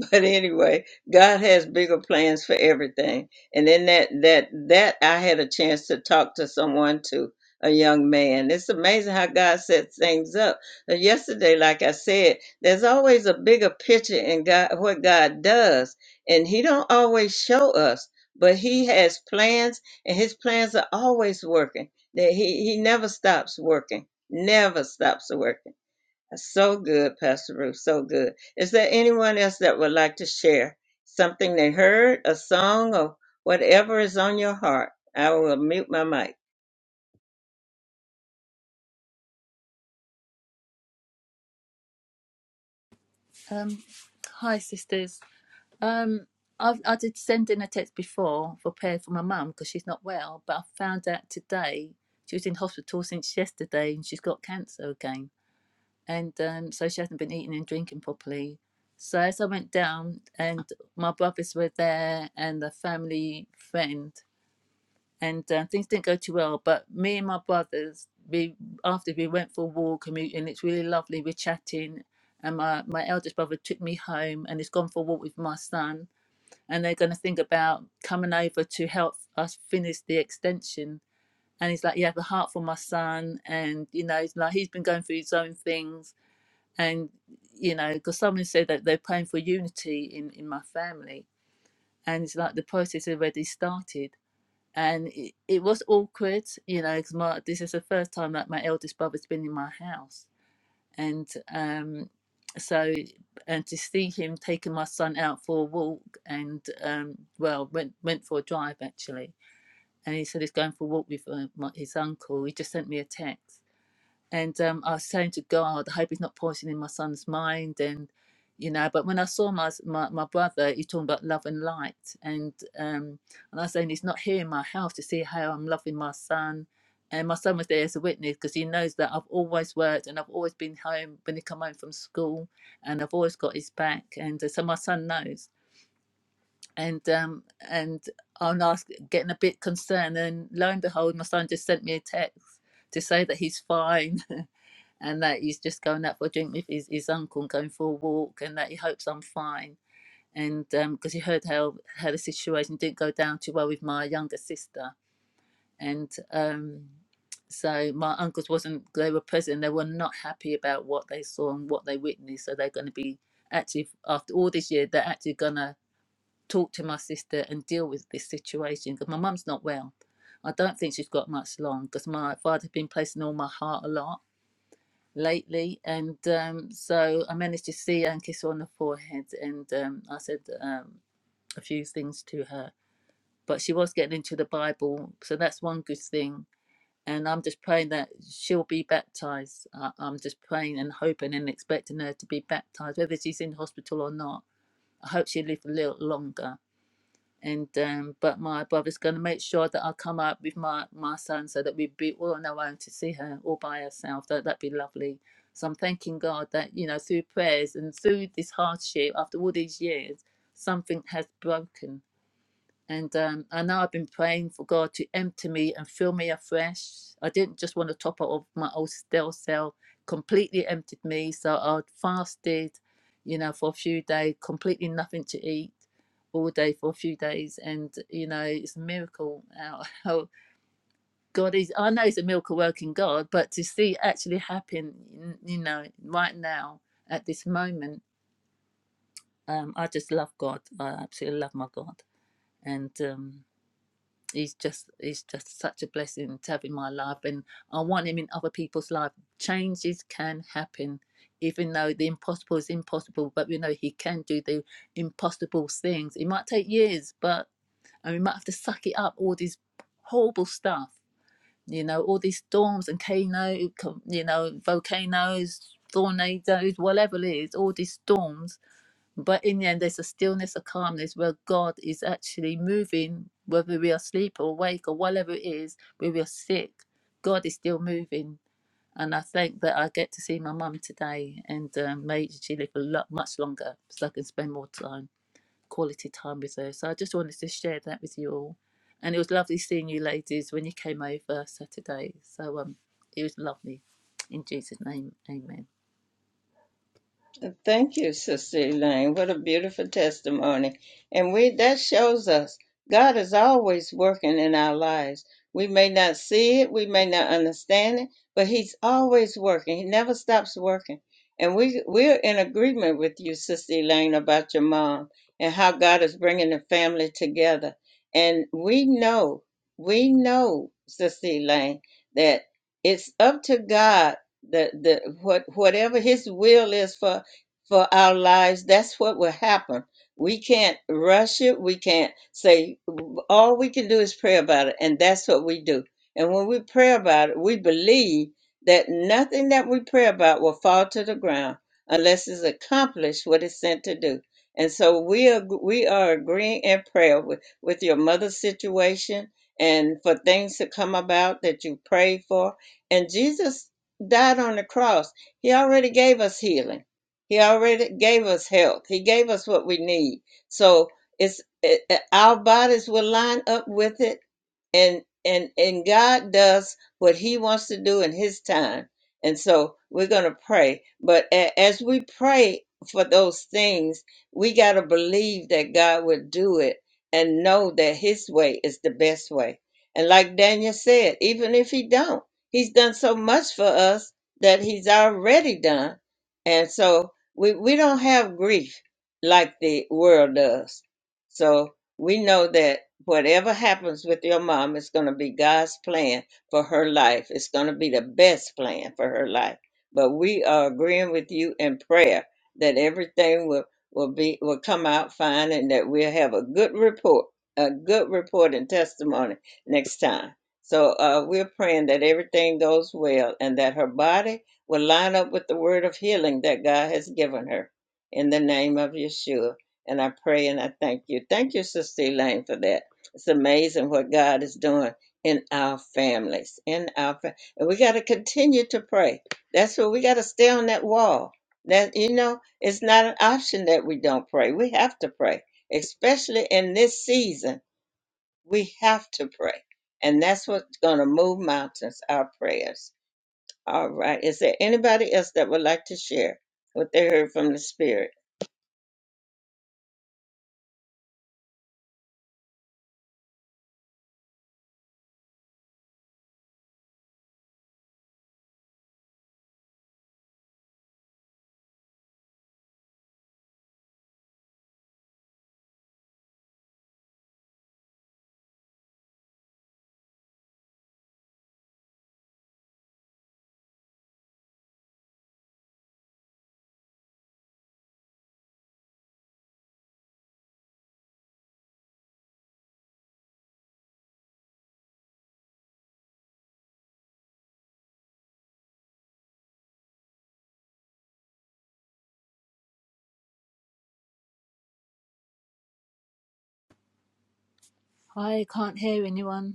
A: but anyway, God has bigger plans for everything. And then that that that I had a chance to talk to someone too, a young man. It's amazing how God sets things up. Now, yesterday, like I said, there's always a bigger picture in God what God does, and He don't always show us, but He has plans, and His plans are always working. That He He never stops working, never stops working. So good, Pastor Ruth. So good. Is there anyone else that would like to share something they heard, a song, or whatever is on your heart? I will mute my mic.
G: Um, hi, sisters. Um, I've, I did send in a text before for prayer for my mum because she's not well, but I found out today she was in hospital since yesterday and she's got cancer again. And um, so she hasn't been eating and drinking properly. So as I went down, and my brothers were there and a family friend, and uh, things didn't go too well. But me and my brothers, we after we went for a walk and, we, and it's really lovely. We're chatting, and my my eldest brother took me home and he's gone for a walk with my son, and they're going to think about coming over to help us finish the extension. And he's like, "You have a heart for my son," and you know, it's like he's been going through his own things, and you know, because someone said that they're praying for unity in in my family, and it's like the process already started and it, it was awkward, you know, because my this is the first time that my eldest brother's been in my house, and um, so and to see him taking my son out for a walk, and um, well, went went for a drive actually, and he said he's going for a walk with uh, my, his uncle. He just sent me a text, and um, I was saying to God, I hope he's not poisoning my son's mind. And, you know, but when I saw my, my, my brother, he's talking about love and light. And, um, and I was saying, he's not here in my house to see how I'm loving my son. And my son was there as a witness because he knows that I've always worked and I've always been home when he come home from school and I've always got his back. And uh, so my son knows. And um, and i was getting a bit concerned. And lo and behold, my son just sent me a text to say that he's fine and that he's just going out for a drink with his, his uncle and going for a walk and that he hopes I'm fine. And because um, he heard how, how the situation didn't go down too well with my younger sister. And um, so my uncles wasn't, they were present, they were not happy about what they saw and what they witnessed. So they're going to be actually, after all this year, they're actually going to talk to my sister and deal with this situation because my mum's not well. I don't think she's got much long because my father's been placing all my heart a lot lately, and um, so I managed to see her and kiss her on the forehead, and um, I said um, a few things to her. But she was getting into the Bible, so that's one good thing. And I'm just praying that she'll be baptized. I- I'm just praying and hoping and expecting her to be baptized, whether she's in hospital or not. I hope she lives a little longer and um, but my brother's going to make sure that I come up with my my son so that we'd be all on our own to see her all by herself. That that'd be lovely. So I'm thanking God that you know through prayers and through this hardship after all these years, something has broken and um, I know I've been praying for God to empty me and fill me afresh. I didn't just want to top up of my old stale cell, completely emptied me. So I fasted, you know, for a few days, completely nothing to eat all day for a few days. And, you know, it's a miracle how, how God is. I know it's a miracle working God, but to see it actually happen, you know, right now at this moment, um, I just love God. I absolutely love my God. And, um, he's just he's just such a blessing to have in my life and i want him in other people's life changes can happen even though the impossible is impossible but we know he can do the impossible things it might take years but and we might have to suck it up all this horrible stuff you know all these storms and cano, you know volcanoes tornadoes whatever it is all these storms but in the end there's a stillness a calmness where god is actually moving whether we are asleep or awake or whatever it is where we are sick god is still moving and i think that i get to see my mum today and um, may she live a lot much longer so i can spend more time quality time with her. So I just wanted to share that with you all. And it was lovely seeing you ladies when you came over Saturday. So um, it was lovely. In Jesus' name, amen.
A: Thank you, Sister Elaine. What a beautiful testimony. And we that shows us God is always working in our lives. We may not see it, we may not understand it, but He's always working. He never stops working. And we we're in agreement with you, Sister Elaine, about your mom and how God is bringing the family together. And we know, we know, Sister Elaine, that it's up to God the the what whatever His will is for for our lives, that's what will happen. We can't rush it. We can't say, all we can do is pray about it. And that's what we do. And when we pray about it, we believe that nothing that we pray about will fall to the ground unless it's accomplished what it's sent to do. And so we are, we are agreeing in prayer with, with your mother's situation and for things to come about that you prayed for. And Jesus died on the cross. He already gave us healing. He already gave us health. He gave us what we need. So it's it, it- our bodies will line up with it, and and and God does what He wants to do in His time. And so we're gonna pray. But a- as we pray for those things, we gotta believe that God will do it, and know that His way is the best way. And like Daniel said, even if He don't, He's done so much for us that He's already done. And so we we don't have grief like the world does. So we know that whatever happens with your mom is going to be God's plan for her life. It's going to be the best plan for her life. But we are agreeing with you in prayer that everything will will be will come out fine and that we'll have a good report, a good report and testimony next time. So uh, we're praying that everything goes well and that her body will line up with the word of healing that God has given her in the name of Yeshua. And I pray and I thank you. Thank you, Sister Elaine, for that. It's amazing what God is doing in our families, in our fa- and we got to continue to pray. That's what we got to stay on that wall. That you know, it's not an option that we don't pray. We have to pray, especially in this season. We have to pray, and that's what's going to move mountains. Our prayers. All right. Is there anybody else that would like to share what they heard from the Spirit?
G: I can't hear anyone.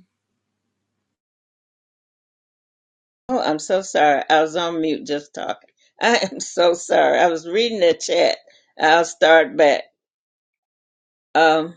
A: Oh, I'm so sorry. I was on mute just talking. I am so sorry. I was reading the chat. I'll start back. Um,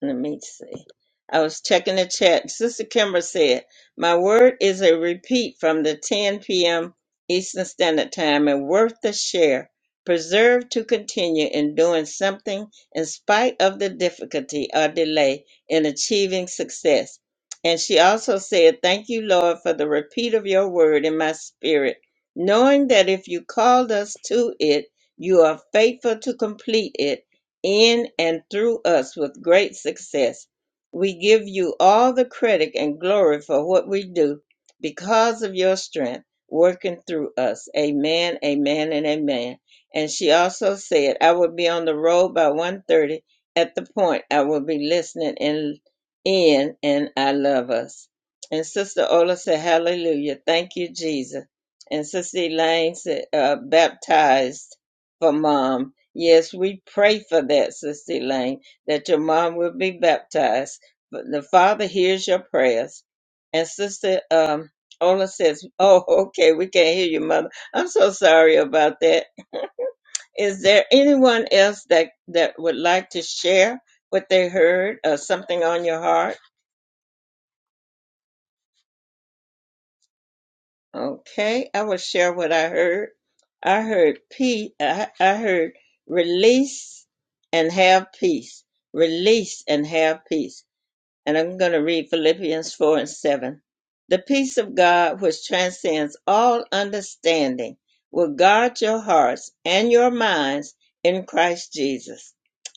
A: Let me see. I was checking the chat. Sister Kimber said, My word is a repeat from the 10 p.m. Eastern Standard Time and worth the share. Preserve to continue in doing something in spite of the difficulty or delay in achieving success. And she also said, Thank you, Lord, for the repeat of your word in my spirit, knowing that if you called us to it, you are faithful to complete it in and through us with great success. We give you all the credit and glory for what we do because of your strength working through us. Amen, amen, and amen. And she also said, I will be on the road by one thirty at the point. I will be listening in, in and I love us. And Sister Ola said, hallelujah. Thank you, Jesus. And Sister Elaine said, uh, baptized for mom Yes, we pray for that, Sister Elaine, that your mom will be baptized. But the Father hears your prayers. And Sister um, Ola says, Oh, okay, we can't hear you, Mother. I'm so sorry about that. Is there anyone else that, that would like to share what they heard or something on your heart? Okay, I will share what I heard. I heard peace. I, I heard release and have peace. Release and have peace and I'm going to read Philippians 4 and 7. The peace of God, which transcends all understanding, will guard your hearts and your minds in Christ Jesus.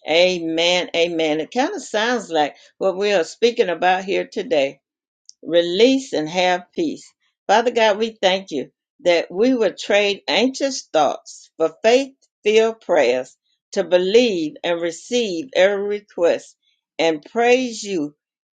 A: Amen. Amen. It kind of sounds like what we are speaking about here today release and have peace. Father God, we thank you that we would trade anxious thoughts for faith filled prayers to believe and receive every request and praise you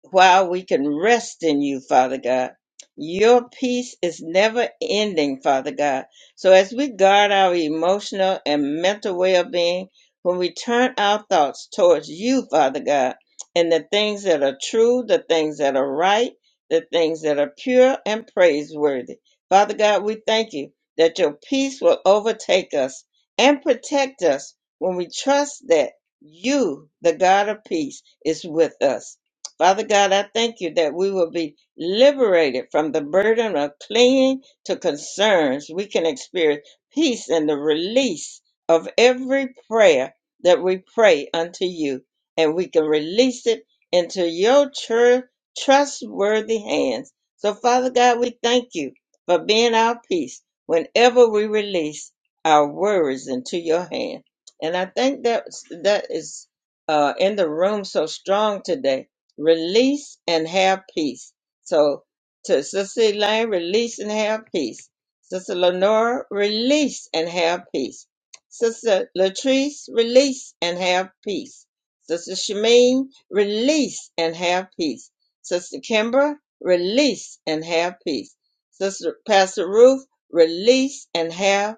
A: while we can rest in you, Father God. Your peace is never ending, Father God. So as we guard our emotional and mental well being, when we turn our thoughts towards you, Father God, and the things that are true, the things that are right, the things that are pure and praiseworthy. Father God, we thank you that your peace will overtake us and protect us when we trust that you, the God of peace, is with us. Father God, I thank you that we will be liberated from the burden of clinging to concerns. We can experience peace in the release of every prayer that we pray unto you, and we can release it into your church trustworthy hands. So, Father God, we thank you for being our peace whenever we release our worries into your hand. And I think that that is uh, in the room so strong today. Release and have peace. So, to Sister Elaine, release and have peace. Sister Lenora, release and have peace. Sister Latrice, release and have peace. Sister Shameen, release and have peace. Sister Kimber, release and have peace. Sister Pastor Ruth, release and have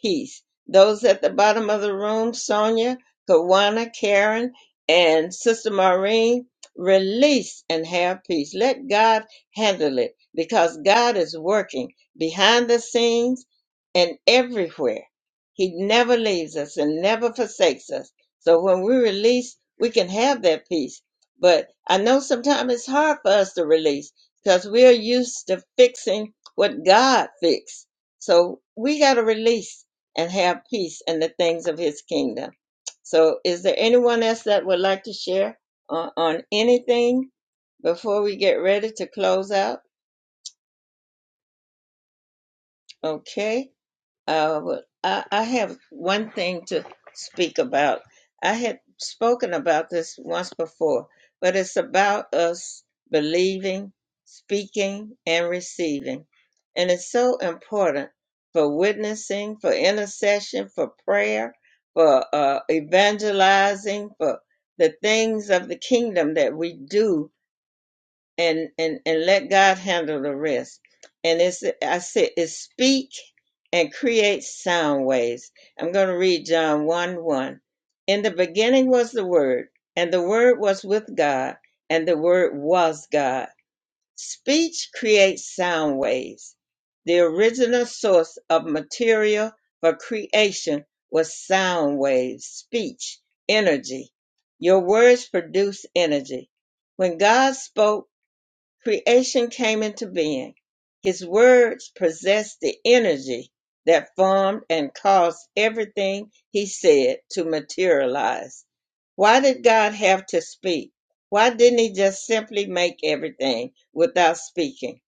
A: peace. Those at the bottom of the room, Sonia, Kawana, Karen, and Sister Maureen, release and have peace. Let God handle it because God is working behind the scenes and everywhere. He never leaves us and never forsakes us. So when we release, we can have that peace. But I know sometimes it's hard for us to release because we're used to fixing what God fixed. So we got to release and have peace in the things of his kingdom. So, is there anyone else that would like to share on, on anything before we get ready to close out? Okay. Uh, well, I, I have one thing to speak about. I had spoken about this once before, but it's about us believing, speaking, and receiving. And it's so important for witnessing, for intercession, for prayer, for uh, evangelizing, for the things of the kingdom that we do and and and let God handle the rest. And it's I said it's speak and create sound waves. I'm going to read John 1 1. In the beginning was the Word, and the Word was with God, and the Word was God. Speech creates sound waves. The original source of material for creation was sound waves, speech, energy. Your words produce energy. When God spoke, Creation came into being. His words possessed the energy that formed and caused everything he said to materialize. Why did God have to speak? Why didn't he just simply make everything without speaking?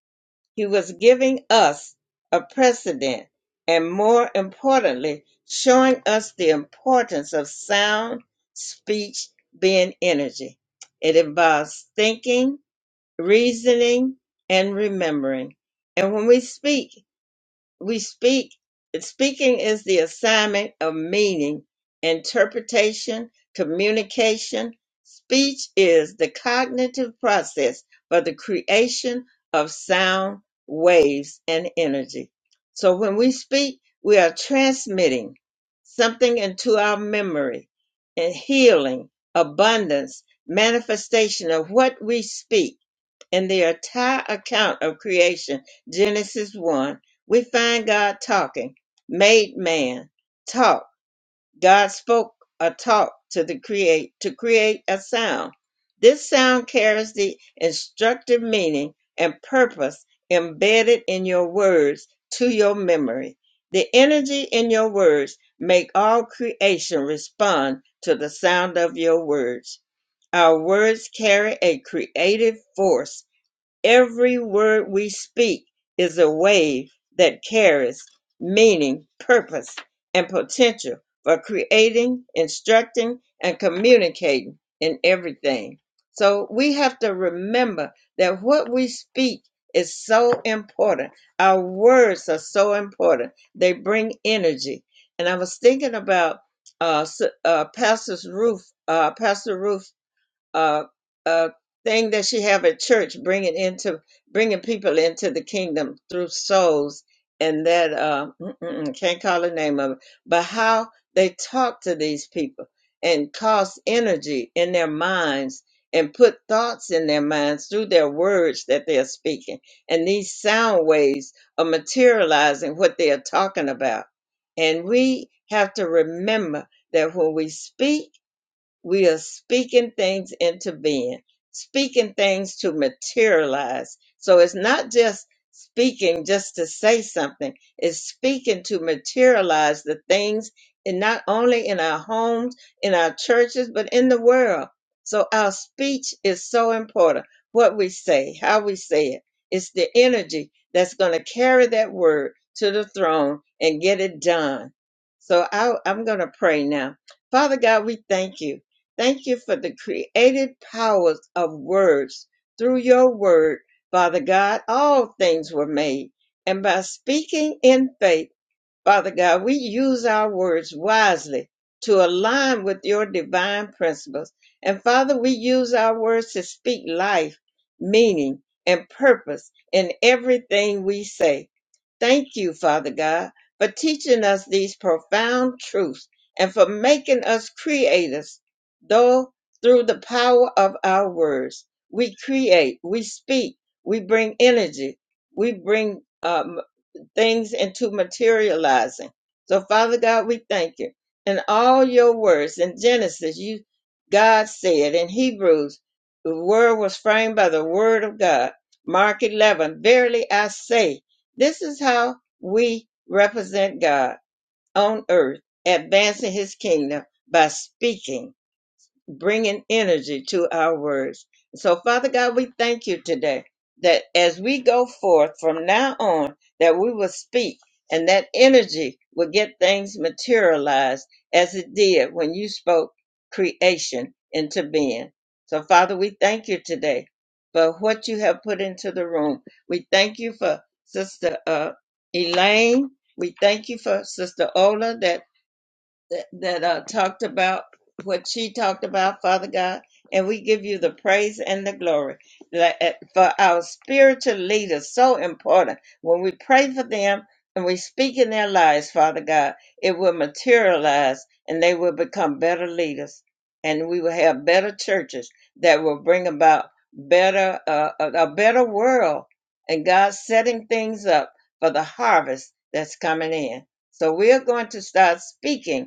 A: He was giving us a precedent and more importantly, showing us the importance of sound speech being energy. It involves thinking, reasoning and remembering. And when we speak, we speak. Speaking is the assignment of meaning, interpretation, communication. Speech is the cognitive process for the creation of sound waves and energy. So when we speak, we are transmitting something into our memory and healing, abundance, manifestation of what we speak in the entire account of creation, Genesis 1, we find God talking, made man, talk. God spoke a talk to the create to create a sound. This sound carries the instructive meaning and purpose embedded in your words to your memory. The energy in your words make all creation respond to the sound of your words. Our words carry a creative force Every word we speak is a wave that carries meaning, purpose, and potential for creating, instructing, and communicating in everything. So we have to remember that what we speak is so important. Our words are so important. They bring energy. And I was thinking about uh, s- uh, Pastor's Roof, uh, Pastor Roof uh, uh, thing that she have at church, bringing into bringing people into the kingdom through souls, and that uh, mm-mm, can't call the name of it, but how they talk to these people and cause energy in their minds and put thoughts in their minds through their words that they're speaking, and these sound waves are materializing what they are talking about, and we have to remember that when we speak. We are speaking things into being, speaking things to materialize. So it's not just speaking just to say something, it's speaking to materialize the things, and not only in our homes, in our churches, but in the world. So our speech is so important. What we say, how we say it, it's the energy that's going to carry that word to the throne and get it done. So I, I'm going to pray now. Father God, we thank you. Thank you for the creative powers of words. Through your word, Father God, all things were made. And by speaking in faith, Father God, we use our words wisely to align with your divine principles. And Father, we use our words to speak life, meaning, and purpose in everything we say. Thank you, Father God, for teaching us these profound truths and for making us creators. Though through the power of our words, we create, we speak, we bring energy, we bring um, things into materializing. So, Father God, we thank you. In all your words in Genesis, you God said in Hebrews, the word was framed by the word of God. Mark 11, verily I say, this is how we represent God on earth, advancing his kingdom by speaking bringing energy to our words. So, Father God, we thank you today that as we go forth from now on, that we will speak and that energy will get things materialized as it did when you spoke creation into being. So, Father, we thank you today for what you have put into the room. We thank you for Sister uh, Elaine. We thank you for Sister Ola that that, that uh, talked about what she talked about, Father God, and we give you the praise and the glory Like, uh, for our spiritual leaders. So important when we pray for them and we speak in their lives, Father God, it will materialize and they will become better leaders, and we will have better churches that will bring about better uh, a a better world, and God setting things up for the harvest that's coming in. So we are going to start speaking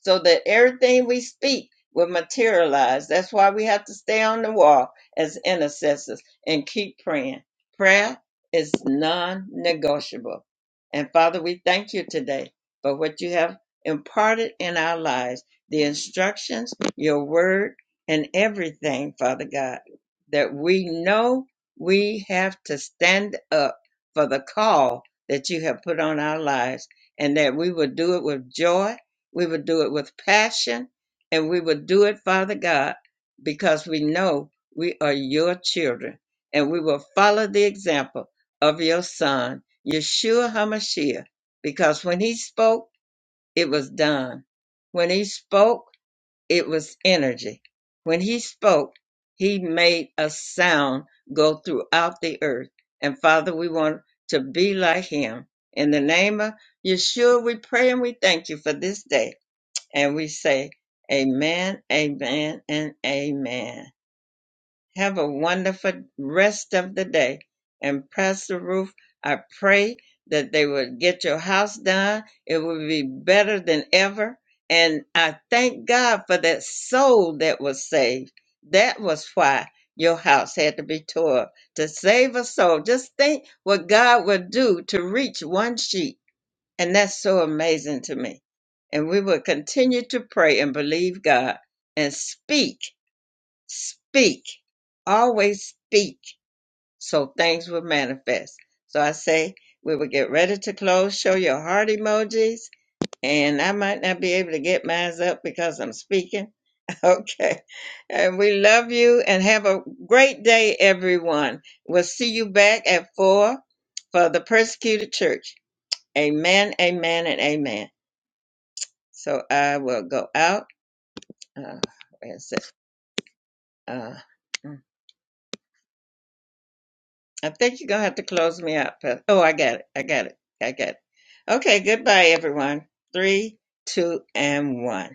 A: so that everything we speak will materialize. That's why we have to stay on the wall as intercessors and keep praying. Prayer is non negotiable. And Father, we thank you today for what you have imparted in our lives the instructions, your word, and everything, Father God, that we know we have to stand up for the call that you have put on our lives and that we will do it with joy we would do it with passion and we would do it, Father God, because we know we are your children and we will follow the example of your son, Yeshua HaMashiach, because when he spoke, it was done. When he spoke, it was energy. When he spoke, he made a sound go throughout the earth. And Father, we want to be like him. In the name of Yeshua, we pray and we thank you for this day and we say, Amen, Amen, and Amen. Have a wonderful rest of the day. And Pastor Ruth, I pray that they would get your house done. It will be better than ever. And I thank God for that soul that was saved. That was why your house had to be tore up, to save a soul. Just think what God would do to reach one sheep and that's so amazing to me. And we will continue to pray and believe God and speak, speak, always speak so things will manifest. So I say we will get ready to close, show your heart emojis. And I might not be able to get mine up because I'm speaking. Okay. And we love you and have a great day, everyone. We'll see you back at four for the persecuted church. Amen, amen, and amen. So I will go out. Uh, where is it? Uh, mm, I think you're going to have to close me out. But, oh, I got it. I got it. I got it. Okay, goodbye, everyone. Three, two, and one.